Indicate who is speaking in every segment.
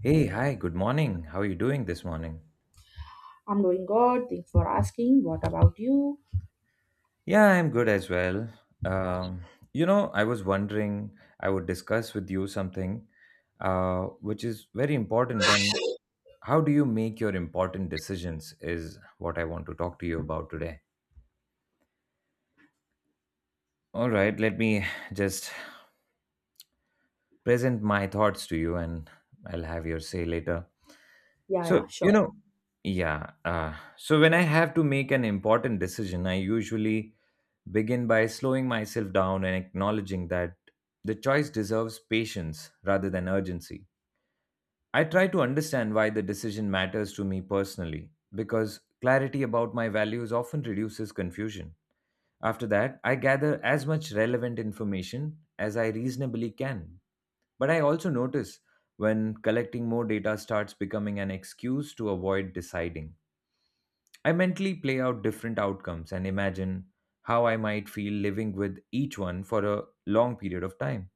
Speaker 1: Hey, hi, good morning. How are you doing this morning?
Speaker 2: I'm doing good. Thanks for asking. What about you?
Speaker 1: Yeah, I'm good as well. Um, you know, I was wondering, I would discuss with you something which is very important. And how do you make your important decisions is what I want to talk to you about today. All right, let me just present my thoughts to you and I'll have your say later.
Speaker 2: Yeah, yeah,
Speaker 1: So,
Speaker 2: sure.
Speaker 1: you know, yeah. So, when I have to make an important decision, I usually begin by slowing myself down and acknowledging that the choice deserves patience rather than urgency. I try to understand why the decision matters to me personally because clarity about my values often reduces confusion. After that, I gather as much relevant information as I reasonably can. But I also notice when collecting more data starts becoming an excuse to avoid deciding. I mentally play out different outcomes and imagine how I might feel living with each one for a long period of time.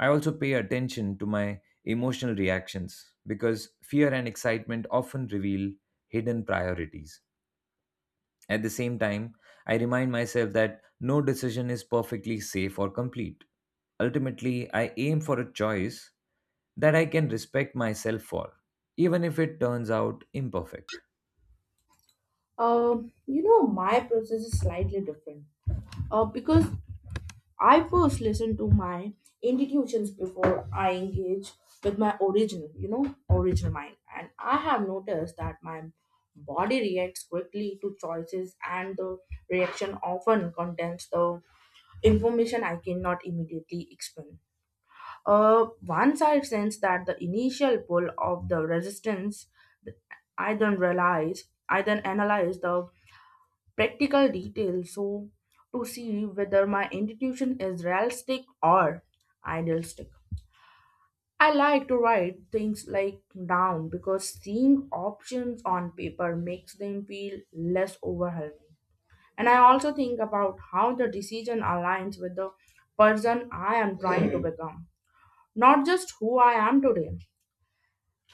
Speaker 1: I also pay attention to my emotional reactions because fear and excitement often reveal hidden priorities. At the same time, I remind myself that no decision is perfectly safe or complete. Ultimately, I aim for a choice that I can respect myself for, even if it turns out imperfect.
Speaker 2: You know, my process is slightly different. Because I first listen to my intuitions before I engage with my original, you know, original mind. And I have noticed that my body reacts quickly to choices and the reaction often contains the information I cannot immediately explain. Once I sense that the initial pull of the resistance, I then analyze the practical details so to see whether my intuition is realistic or idealistic. I like to write things like down because seeing options on paper makes them feel less overwhelming. And I also think about how the decision aligns with the person I am trying to become, not just who I am today.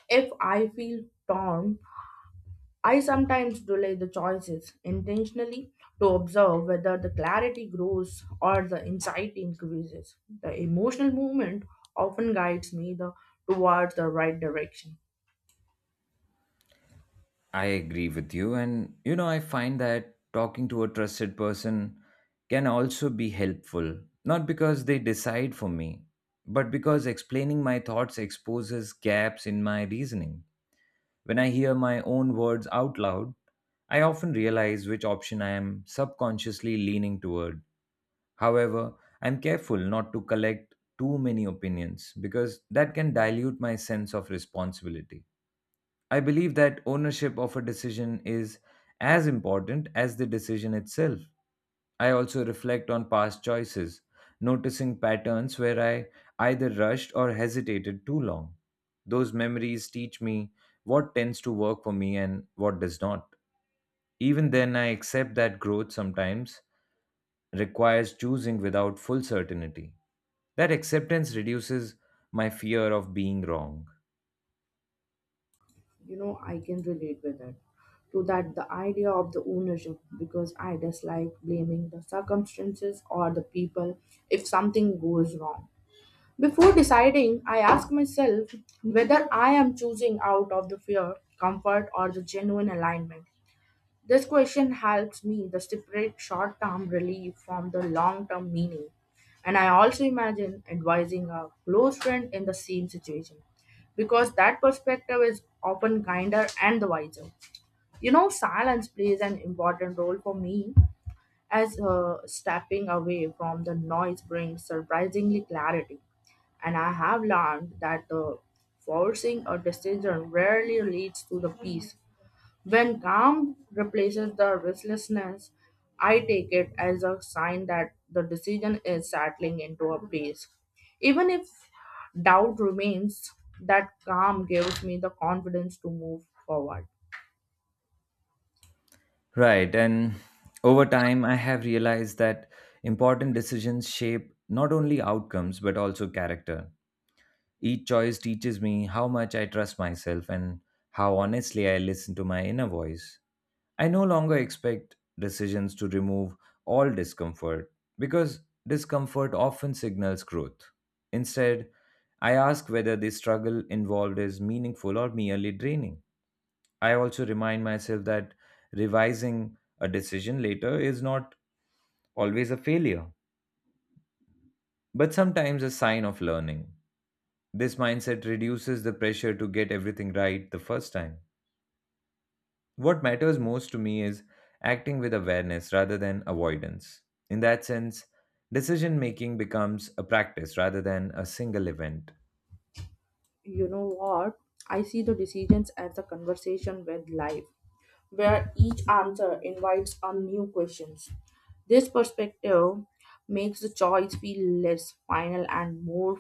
Speaker 2: If I feel torn, I sometimes delay the choices intentionally to observe whether the clarity grows or the insight increases. The emotional movement often guides me towards the right direction.
Speaker 1: I agree with you, and you know, I find that talking to a trusted person can also be helpful, not because they decide for me, but because explaining my thoughts exposes gaps in my reasoning. When I hear my own words out loud, I often realize which option I am subconsciously leaning toward. However, I'm careful not to collect too many opinions because that can dilute my sense of responsibility. I believe that ownership of a decision is as important as the decision itself. I also reflect on past choices, noticing patterns where I either rushed or hesitated too long. Those memories teach me what tends to work for me and what does not. Even then, I accept that growth sometimes requires choosing without full certainty. That acceptance reduces my fear of being wrong.
Speaker 2: You know, I can relate with it to that the idea of the ownership because I dislike blaming the circumstances or the people if something goes wrong. Before deciding, I ask myself whether I am choosing out of the fear, comfort, or the genuine alignment. This question helps me to separate short term relief from the long term meaning. And I also imagine advising a close friend in the same situation because that perspective is often kinder and the wiser. You know, silence plays an important role for me as stepping away from the noise brings surprisingly clarity. And I have learned that forcing a decision rarely leads to the peace. When calm replaces the restlessness, I take it as a sign that the decision is settling into a pace. Even if doubt remains, that calm gives me the confidence to move forward.
Speaker 1: Right. And over time, I have realized that important decisions shape not only outcomes, but also character. Each choice teaches me how much I trust myself and how honestly I listen to my inner voice. I no longer expect decisions to remove all discomfort because discomfort often signals growth. Instead, I ask whether the struggle involved is meaningful or merely draining. I also remind myself that revising a decision later is not always a failure, but sometimes a sign of learning. This mindset reduces the pressure to get everything right the first time. What matters most to me is acting with awareness rather than avoidance. In that sense, decision making becomes a practice rather than a single event.
Speaker 2: You know what? I see the decisions as a conversation with life where each answer invites a new questions. This perspective makes the choice feel less final and more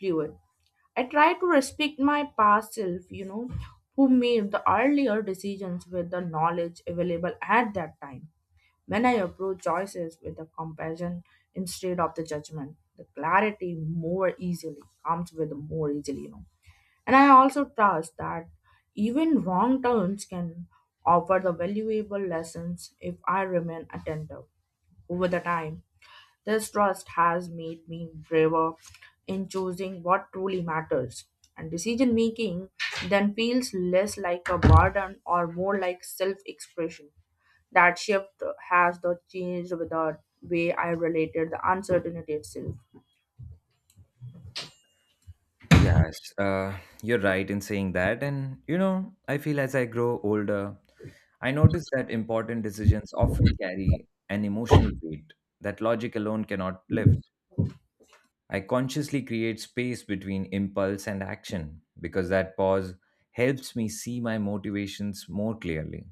Speaker 2: fluid. I try to respect my past self, you know, who made the earlier decisions with the knowledge available at that time. When I approach choices with the compassion instead of the judgment, the clarity more easily comes with more easily, you know. And I also trust that even wrong turns can offer the valuable lessons if I remain attentive. Over the time, this trust has made me braver in choosing what truly matters, and decision making then feels less like a burden or more like self expression. That shift has the changed with the way I related the uncertainty itself.
Speaker 1: Yes, you're right in saying that. And, you know, I feel as I grow older, I notice that important decisions often carry an emotional weight that logic alone cannot lift. I consciously create space between impulse and action because that pause helps me see my motivations more clearly.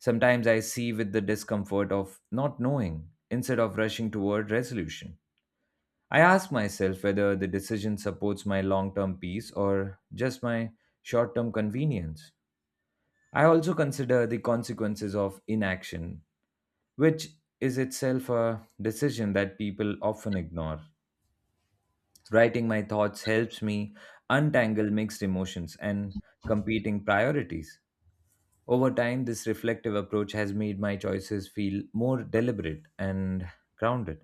Speaker 1: Sometimes I see with the discomfort of not knowing instead of rushing toward resolution. I ask myself whether the decision supports my long term peace or just my short term convenience. I also consider the consequences of inaction, which is itself a decision that people often ignore. Writing my thoughts helps me untangle mixed emotions and competing priorities. Over time, this reflective approach has made my choices feel more deliberate and grounded.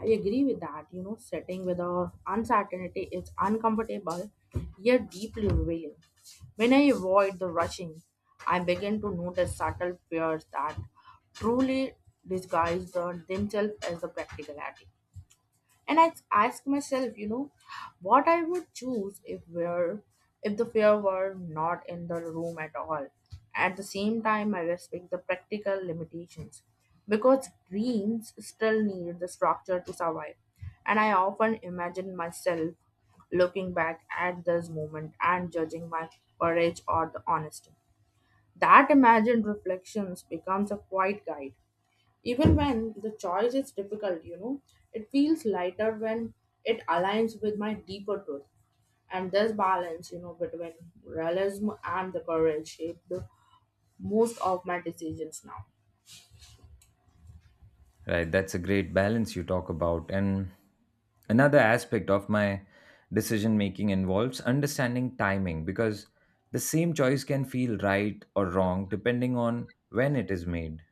Speaker 2: I agree with that. You know, sitting with a uncertainty is uncomfortable yet deeply revealing. When I avoid the rushing, I begin to notice subtle fears that truly disguise themselves as the practicality. And I ask myself, you know, what I would choose if the fear were not in the room at all. At the same time, I respect the practical limitations because dreams still need the structure to survive. And I often imagine myself looking back at this moment and judging my courage or the honesty. That imagined reflections becomes a quiet guide even when the choice is difficult, you know, it feels lighter when it aligns with my deeper truth, and this balance, you know, between realism and the courage shaped the most of my decisions now.
Speaker 1: Right, that's a great balance you talk about. And another aspect of my decision making involves understanding timing because the same choice can feel right or wrong depending on when it is made.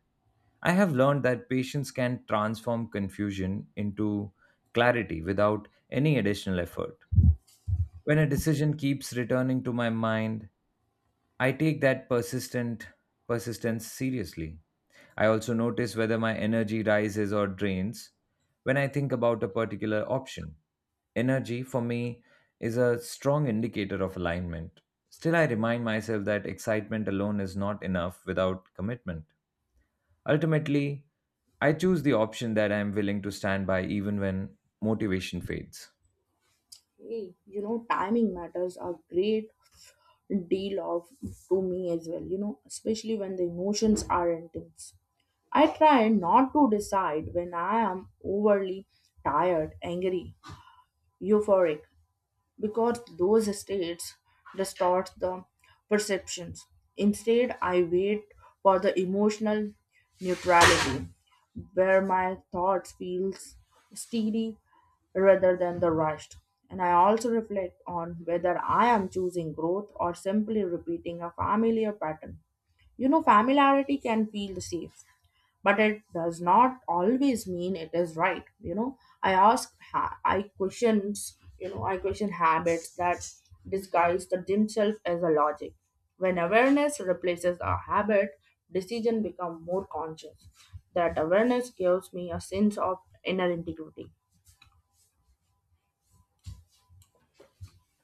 Speaker 1: I have learned that patience can transform confusion into clarity without any additional effort. When a decision keeps returning to my mind, I take that persistent persistence seriously. I also notice whether my energy rises or drains when I think about a particular option. Energy for me is a strong indicator of alignment. Still, I remind myself that excitement alone is not enough without commitment. Ultimately, I choose the option that I am willing to stand by even when motivation fades.
Speaker 2: Hey, you know, timing matters a great deal of to me as well, you know, especially when the emotions are intense. I try not to decide when I am overly tired, angry, euphoric, because those states distort the perceptions. Instead, I wait for the emotional neutrality where my thoughts feels steady rather than the rushed. And I also reflect on whether I am choosing growth or simply repeating a familiar pattern. You know, familiarity can feel safe, but it does not always mean it is right, you know, I questions, you know, I question habits that disguise the themselves as a logic. When awareness replaces a habit, decision become more conscious. That awareness gives me a sense of inner integrity.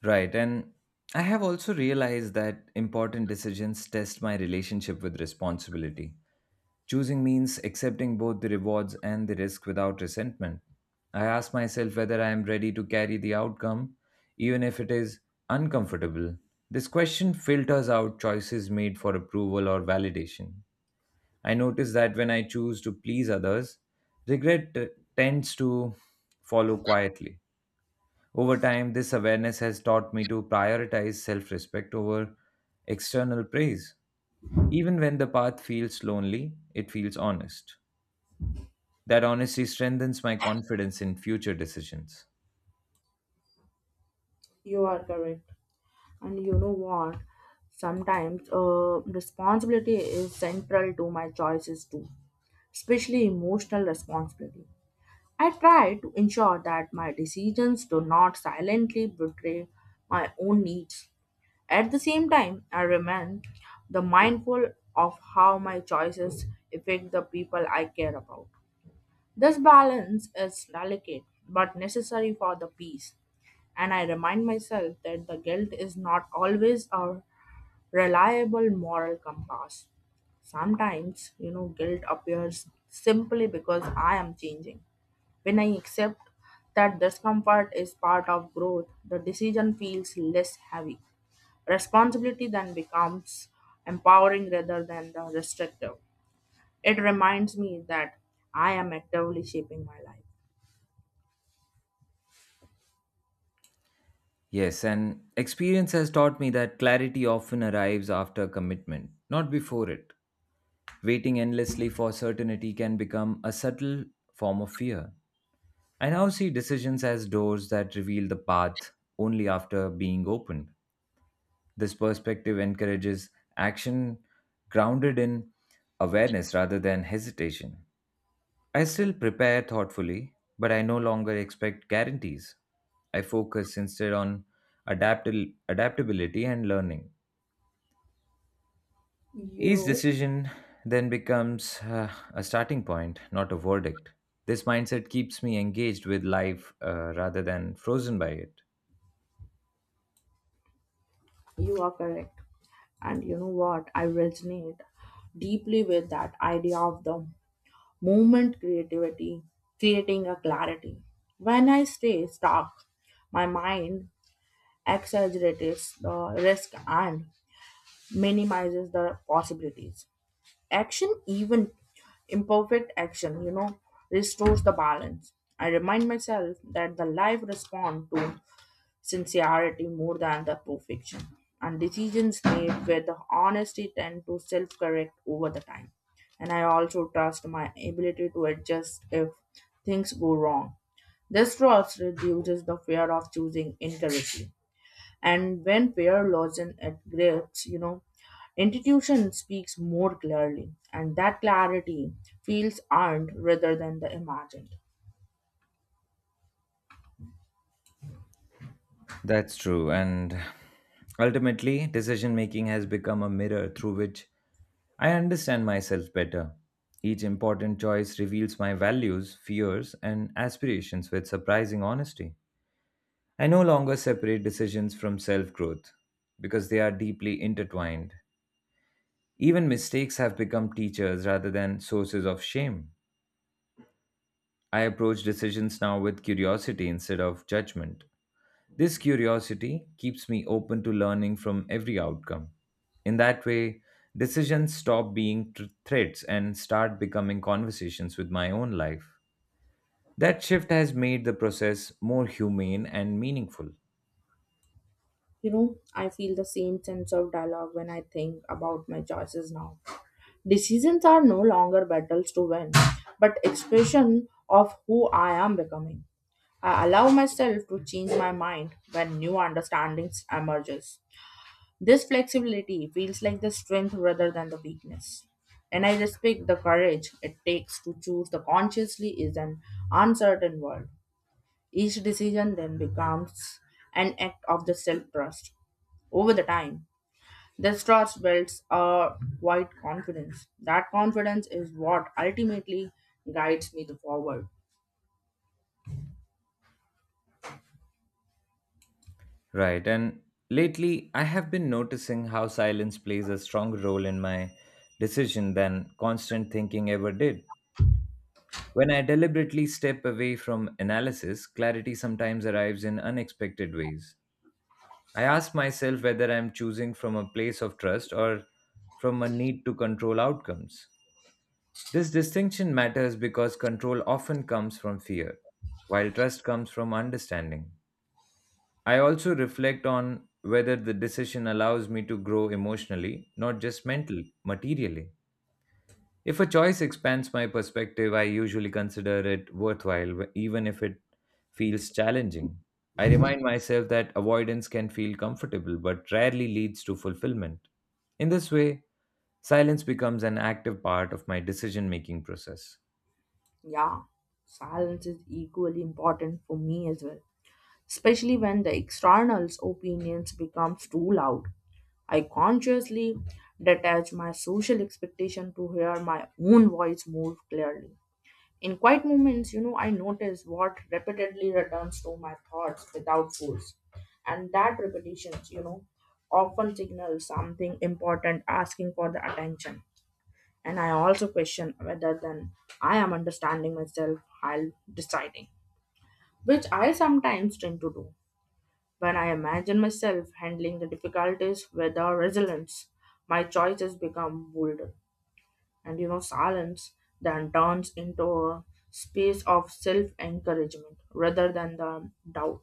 Speaker 1: Right. And I have also realized that important decisions test my relationship with responsibility. Choosing means accepting both the rewards and the risk without resentment. I ask myself whether I am ready to carry the outcome, even if it is uncomfortable. This question filters out choices made for approval or validation. I notice that when I choose to please others, regret tends to follow quietly. Over time, this awareness has taught me to prioritize self respect over external praise. Even when the path feels lonely, it feels honest. That honesty strengthens my confidence in future decisions.
Speaker 2: You are correct. And you know what? Sometimes, responsibility is central to my choices too, especially emotional responsibility. I try to ensure that my decisions do not silently betray my own needs. At the same time, I remain the mindful of how my choices affect the people I care about. This balance is delicate but necessary for the peace, and I remind myself that the guilt is not always a reliable moral compass. Sometimes, you know, guilt appears simply because I am changing. When I accept that discomfort is part of growth, the decision feels less heavy. Responsibility then becomes empowering rather than the restrictive. It reminds me that I am actively shaping my life.
Speaker 1: Yes, and experience has taught me that clarity often arrives after commitment, not before it. Waiting endlessly for certainty can become a subtle form of fear. I now see decisions as doors that reveal the path only after being opened. This perspective encourages action grounded in awareness rather than hesitation. I still prepare thoughtfully, but I no longer expect guarantees. I focus instead on adaptability and learning. Each
Speaker 2: You
Speaker 1: decision then becomes a starting point, not a verdict. This mindset keeps me engaged with life rather than frozen by it.
Speaker 2: you are correct. And you know what? I resonate deeply with that idea of the movement creativity, creating a clarity. When I stay stuck, my mind exaggerates the risk and minimizes the possibilities. Action, even imperfect action, you know, restores the balance. I remind myself that the life responds to sincerity more than the perfection. And decisions made with the honesty tend to self correct over the time. And I also trust my ability to adjust if things go wrong. This trust reduces the fear of choosing incorrectly. And when fear loosens its grips, you know, intuition speaks more clearly, and that clarity feels earned rather than the imagined.
Speaker 1: That's true. And ultimately, decision making has become a mirror through which I understand myself better. Each important choice reveals my values, fears, and aspirations with surprising honesty. I no longer separate decisions from self growth because they are deeply intertwined. Even mistakes have become teachers rather than sources of shame. I approach decisions now with curiosity instead of judgment. This curiosity keeps me open to learning from every outcome. In that way, decisions stop being threats and start becoming conversations with my own life. That shift has made the process more humane and meaningful.
Speaker 2: You know, I feel the same sense of dialogue when I think about my choices now. Decisions are no longer battles to win, but expression of who I am becoming. I allow myself to change my mind when new understandings emerges. This flexibility feels like the strength rather than the weakness. And I respect the courage it takes to choose the consciously is an uncertain world. Each decision then becomes an act of the self trust. Over the time, the trust builds a quiet confidence. That confidence is what ultimately guides me to forward.
Speaker 1: Right, and lately I have been noticing how silence plays a strong role in my decision than constant thinking ever did. When I deliberately step away from analysis, clarity sometimes arrives in unexpected ways. I ask myself whether I'm choosing from a place of trust or from a need to control outcomes. This distinction matters because control often comes from fear, while trust comes from understanding. I also reflect on whether the decision allows me to grow emotionally, not just mentally, materially. If a choice expands my perspective, I usually consider it worthwhile, even if it feels challenging. I remind myself that avoidance can feel comfortable but rarely leads to fulfillment. In this way, silence becomes an active part of my decision making process.
Speaker 2: Yeah, silence is equally important for me as well, especially when the external's opinions becomes too loud. I consciously detach my social expectation to hear my own voice more clearly. In quiet moments, you know, I notice what repeatedly returns to my thoughts without force. And that repetition, you know, often signals something important asking for the attention. And I also question whether then I am understanding myself while deciding, which I sometimes tend to do. When I imagine myself handling the difficulties with the resilience, my choices become bolder, and you know, silence then turns into a space of self-encouragement rather than the doubt,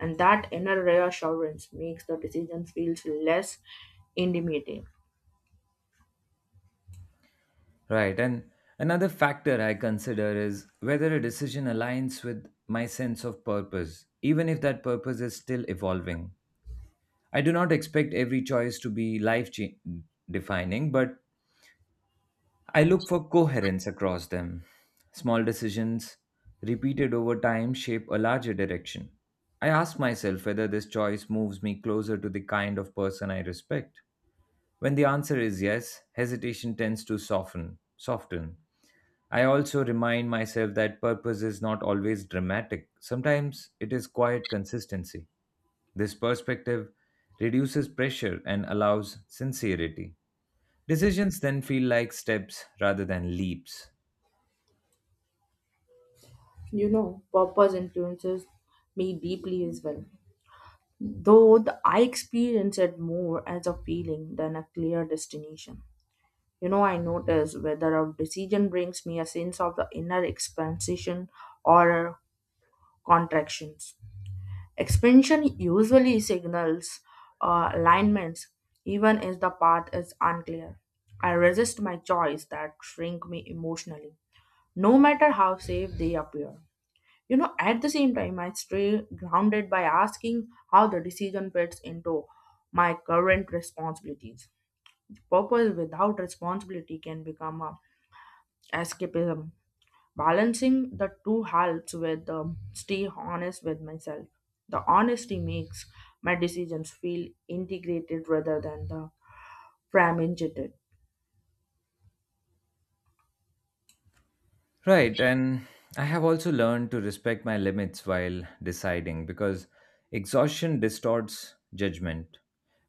Speaker 2: and that inner reassurance makes the decision feels less intimidating.
Speaker 1: Right, and another factor I consider is whether a decision aligns with my sense of purpose, even if that purpose is still evolving. I do not expect every choice to be defining, but I look for coherence across them. Small decisions, repeated over time, shape a larger direction. I ask myself whether this choice moves me closer to the kind of person I respect. When the answer is yes, hesitation tends to soften. I also remind myself that purpose is not always dramatic. Sometimes it is quiet consistency. This perspective reduces pressure and allows sincerity. Decisions then feel like steps rather than leaps.
Speaker 2: You know, purpose influences me deeply as well, though I experience it more as a feeling than a clear destination. You know, I notice whether a decision brings me a sense of the inner expansion or contractions. Expansion usually signals alignments, even if the path is unclear. I resist my choice that shrink me emotionally, no matter how safe they appear. You know, at the same time, I stay grounded by asking how the decision fits into my current responsibilities. Purpose without responsibility can become a escapism. Balancing the two halves with stay honest with myself. The honesty makes my decisions feel integrated rather than the fragmented.
Speaker 1: Right, and I have also learned to respect my limits while deciding because exhaustion distorts judgment.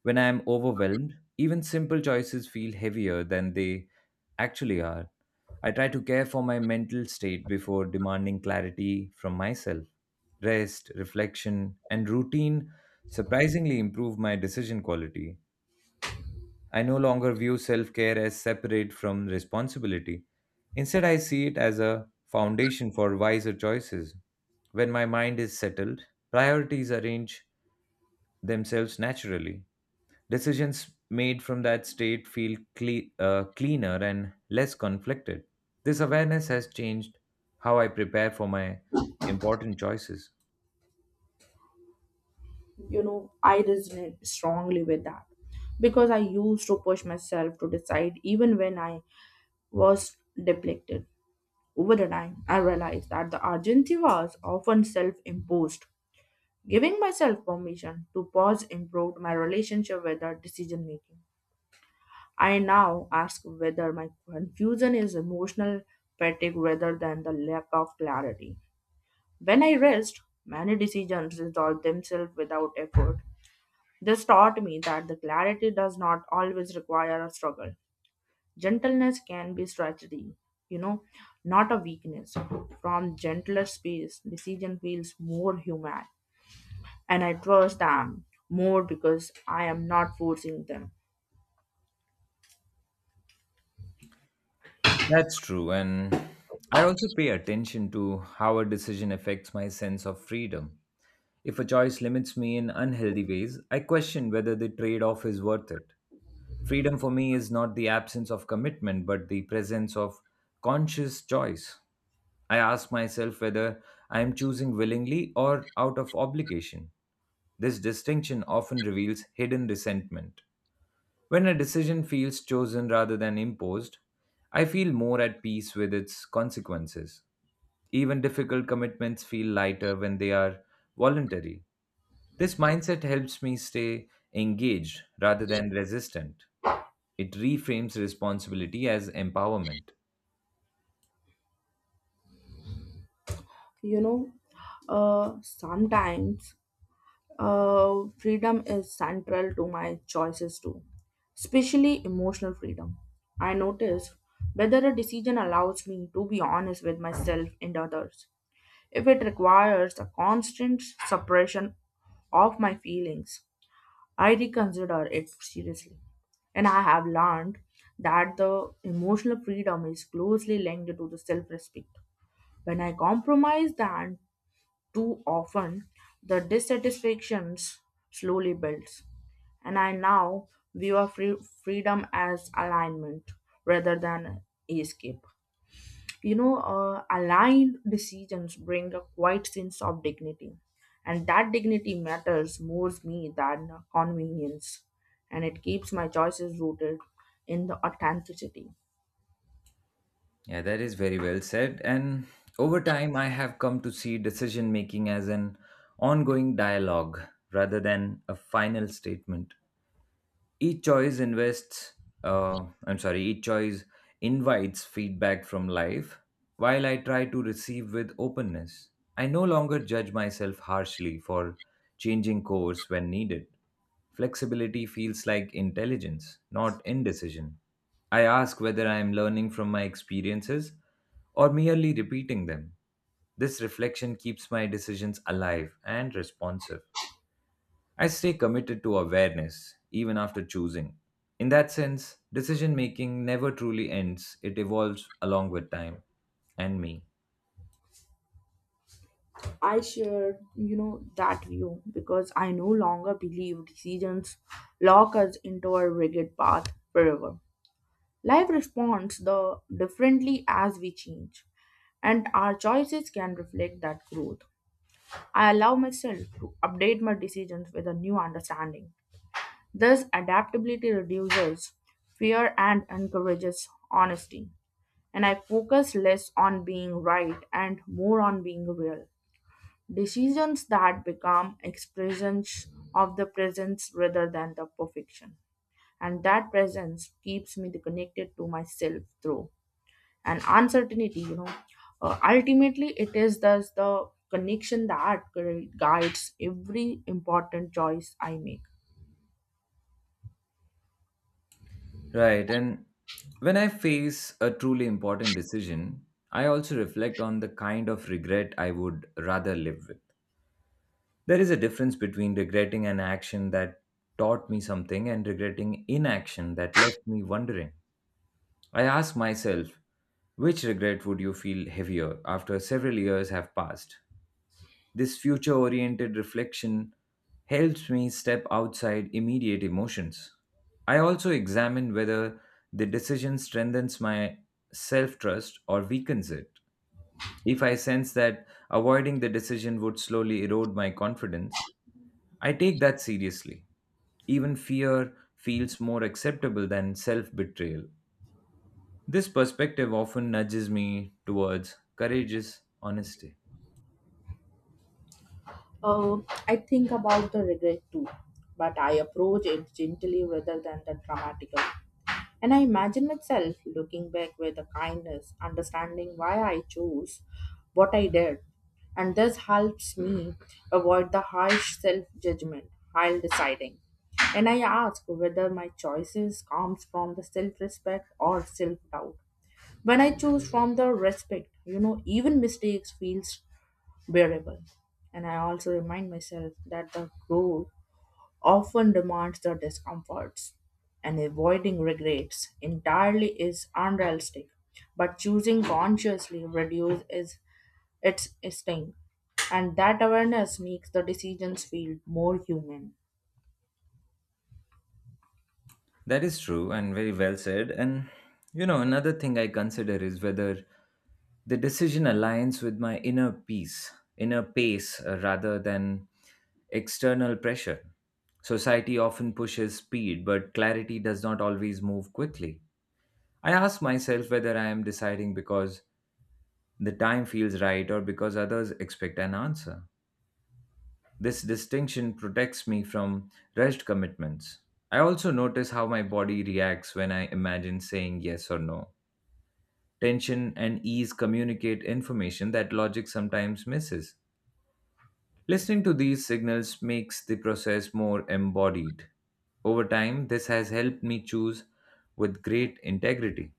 Speaker 1: When I am overwhelmed, even simple choices feel heavier than they actually are. I try to care for my mental state before demanding clarity from myself. Rest, reflection, and routine surprisingly improve my decision quality. I no longer view self care as separate from responsibility. Instead, I see it as a foundation for wiser choices. When my mind is settled, priorities arrange themselves naturally. Decisions made from that state feel cleaner and less conflicted. This awareness has changed how I prepare for my important choices.
Speaker 2: You know, I resonate strongly with that because I used to push myself to decide even when I was depleted. Over the time, I realized that the urgency was often self imposed. Giving myself permission to pause improved my relationship with the decision making. I now ask whether my confusion is emotional fatigue rather than the lack of clarity. When I rest, many decisions resolve themselves without effort. This taught me that the clarity does not always require a struggle. Gentleness can be strategy, you know, not a weakness. From gentler space, decision feels more human, and I trust them more because I am not forcing them.
Speaker 1: That's true, and I also pay attention to how a decision affects my sense of freedom. If a choice limits me in unhealthy ways, I question whether the trade off is worth it. Freedom for me is not the absence of commitment, but the presence of conscious choice. I ask myself whether I am choosing willingly or out of obligation. This distinction often reveals hidden resentment. When a decision feels chosen rather than imposed, I feel more at peace with its consequences. Even difficult commitments feel lighter when they are voluntary. This mindset helps me stay engaged rather than resistant. It reframes responsibility as empowerment.
Speaker 2: You know, sometimes freedom is central to my choices too, especially emotional freedom. I notice whether a decision allows me to be honest with myself and others. If it requires a constant suppression of my feelings, I reconsider it seriously. And I have learned that the emotional freedom is closely linked to the self respect. When I compromise, then too often, the dissatisfaction slowly builds. And I now view our freedom as alignment rather than escape. You know, aligned decisions bring a quiet sense of dignity, and that dignity matters more to me than convenience, and it keeps my choices rooted in the authenticity.
Speaker 1: Yeah, that is very well said. And over time, I have come to see decision making as an ongoing dialogue rather than a final statement. Each choice invests I'm sorry each choice invites feedback from life while I try to receive with openness. I no longer judge myself harshly for changing course when needed. Flexibility feels like intelligence, not indecision. I ask whether I am learning from my experiences or merely repeating them. This reflection keeps my decisions alive and responsive. I stay committed to awareness even after choosing. In that sense, decision making never truly ends, it evolves along with time and me.
Speaker 2: I shared, you know, that view because I no longer believe decisions lock us into a rigid path forever. Life responds the differently as we change, and our choices can reflect that growth. I allow myself to update my decisions with a new understanding. This adaptability reduces fear and encourages honesty, and I focus less on being right and more on being real. Decisions that become expressions of the presence rather than the perfection. And that presence keeps me connected to myself through an uncertainty, you know. Ultimately, it is thus the connection that guides every important choice I make.
Speaker 1: Right, and when I face a truly important decision, I also reflect on the kind of regret I would rather live with. There is a difference between regretting an action that taught me something and regretting inaction that left me wondering. I ask myself, which regret would you feel heavier after several years have passed? This future oriented reflection helps me step outside immediate emotions. I also examine whether the decision strengthens my self trust or weakens it. If I sense that avoiding the decision would slowly erode my confidence, I take that seriously. Even fear feels more acceptable than self betrayal. This perspective often nudges me towards courageous honesty.
Speaker 2: Uh, I think about the regret too, but I approach it gently rather than the dramatical. And I imagine myself looking back with a kindness, understanding why I chose what I did. And this helps me avoid the harsh self judgment while deciding. And I ask whether my choices comes from the self respect or self doubt. When I choose from the respect, you know, even mistakes feels bearable. And I also remind myself that the goal often demands the discomforts, and avoiding regrets entirely is unrealistic. But choosing consciously reduces its sting, and that awareness makes the decisions feel more human.
Speaker 1: That is true and very well said. And you know, another thing I consider is whether the decision aligns with my inner pace, rather than external pressure. Society often pushes speed, but clarity does not always move quickly. I ask myself whether I am deciding because the time feels right or because others expect an answer. This distinction protects me from rushed commitments. I also notice how my body reacts when I imagine saying yes or no. Tension and ease communicate information that logic sometimes misses. Listening to these signals makes the process more embodied. Over time, this has helped me choose with great integrity.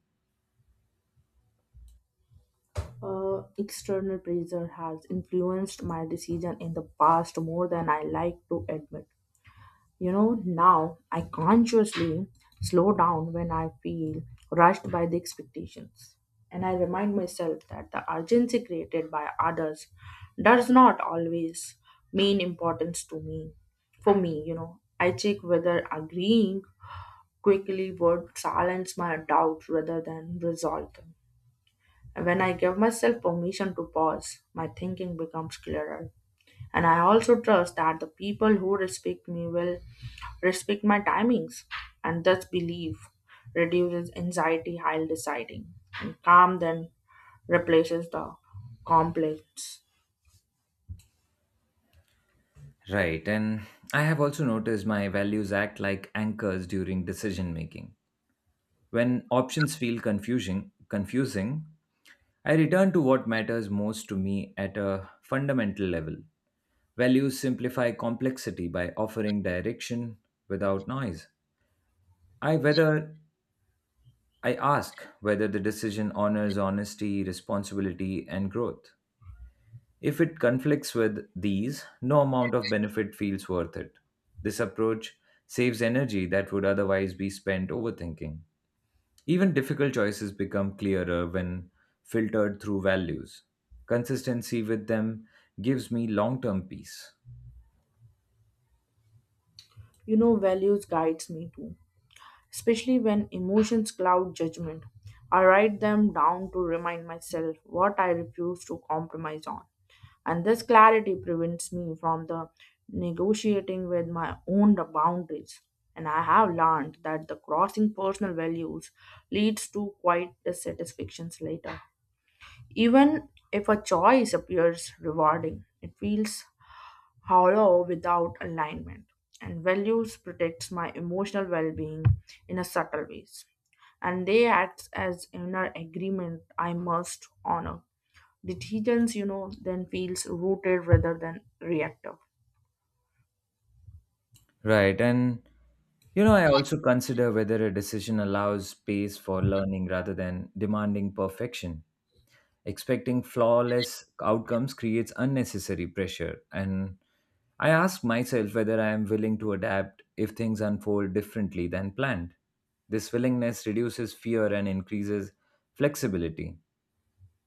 Speaker 2: External pressure has influenced my decision in the past more than I like to admit. You know, now I consciously slow down when I feel rushed by the expectations. And I remind myself that the urgency created by others does not always mean importance to me. For me, you know, I check whether agreeing quickly would silence my doubts rather than resolve them. When I give myself permission to pause, my thinking becomes clearer. And I also trust that the people who respect me will respect my timings. And thus belief reduces anxiety while deciding. And calm then replaces the complex.
Speaker 1: Right, and I have also noticed my values act like anchors during decision making. When options feel confusing, I return to what matters most to me at a fundamental level. Values simplify complexity by offering direction without noise. I whether I ask whether the decision honors honesty, responsibility, and growth. If it conflicts with these, no amount of benefit feels worth it. This approach saves energy that would otherwise be spent overthinking. Even difficult choices become clearer when filtered through values. Consistency with them gives me long term peace.
Speaker 2: You know, values guides me too, especially when emotions cloud judgment. I write them down to remind myself what I refuse to compromise on. And this clarity prevents me from the negotiating with my own boundaries, and I have learned that the crossing personal values leads to quite dissatisfactions later. Even if a choice appears rewarding, it feels hollow without alignment. And values protects my emotional well-being in a subtle ways, and they act as inner agreement I must honor. Decisions, you know, then feels rooted rather than reactive.
Speaker 1: Right, and you know, I also consider whether a decision allows space for learning rather than demanding perfection. Expecting flawless outcomes creates unnecessary pressure, and I ask myself whether I am willing to adapt if things unfold differently than planned. This willingness reduces fear and increases flexibility.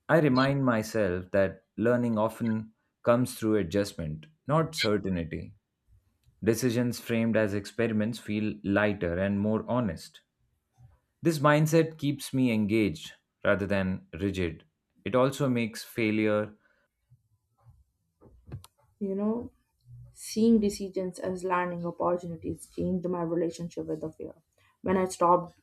Speaker 1: I remind myself that learning often comes through adjustment, not certainty. Decisions framed as experiments feel lighter and more honest. This mindset keeps me engaged rather than rigid. It also makes failure
Speaker 2: You know, seeing decisions as learning opportunities changed my relationship with the fear. When I stopped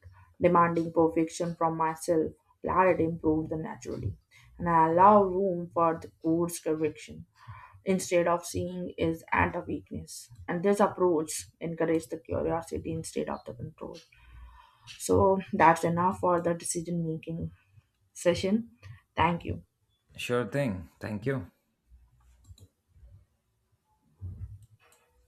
Speaker 2: demanding perfection from myself, clarity improved naturally. And I allow room for the course correction instead of seeing is at a weakness. And this approach encourages the curiosity instead of the control. So that's enough for the decision making session. Thank you.
Speaker 1: sure thing. Thank you.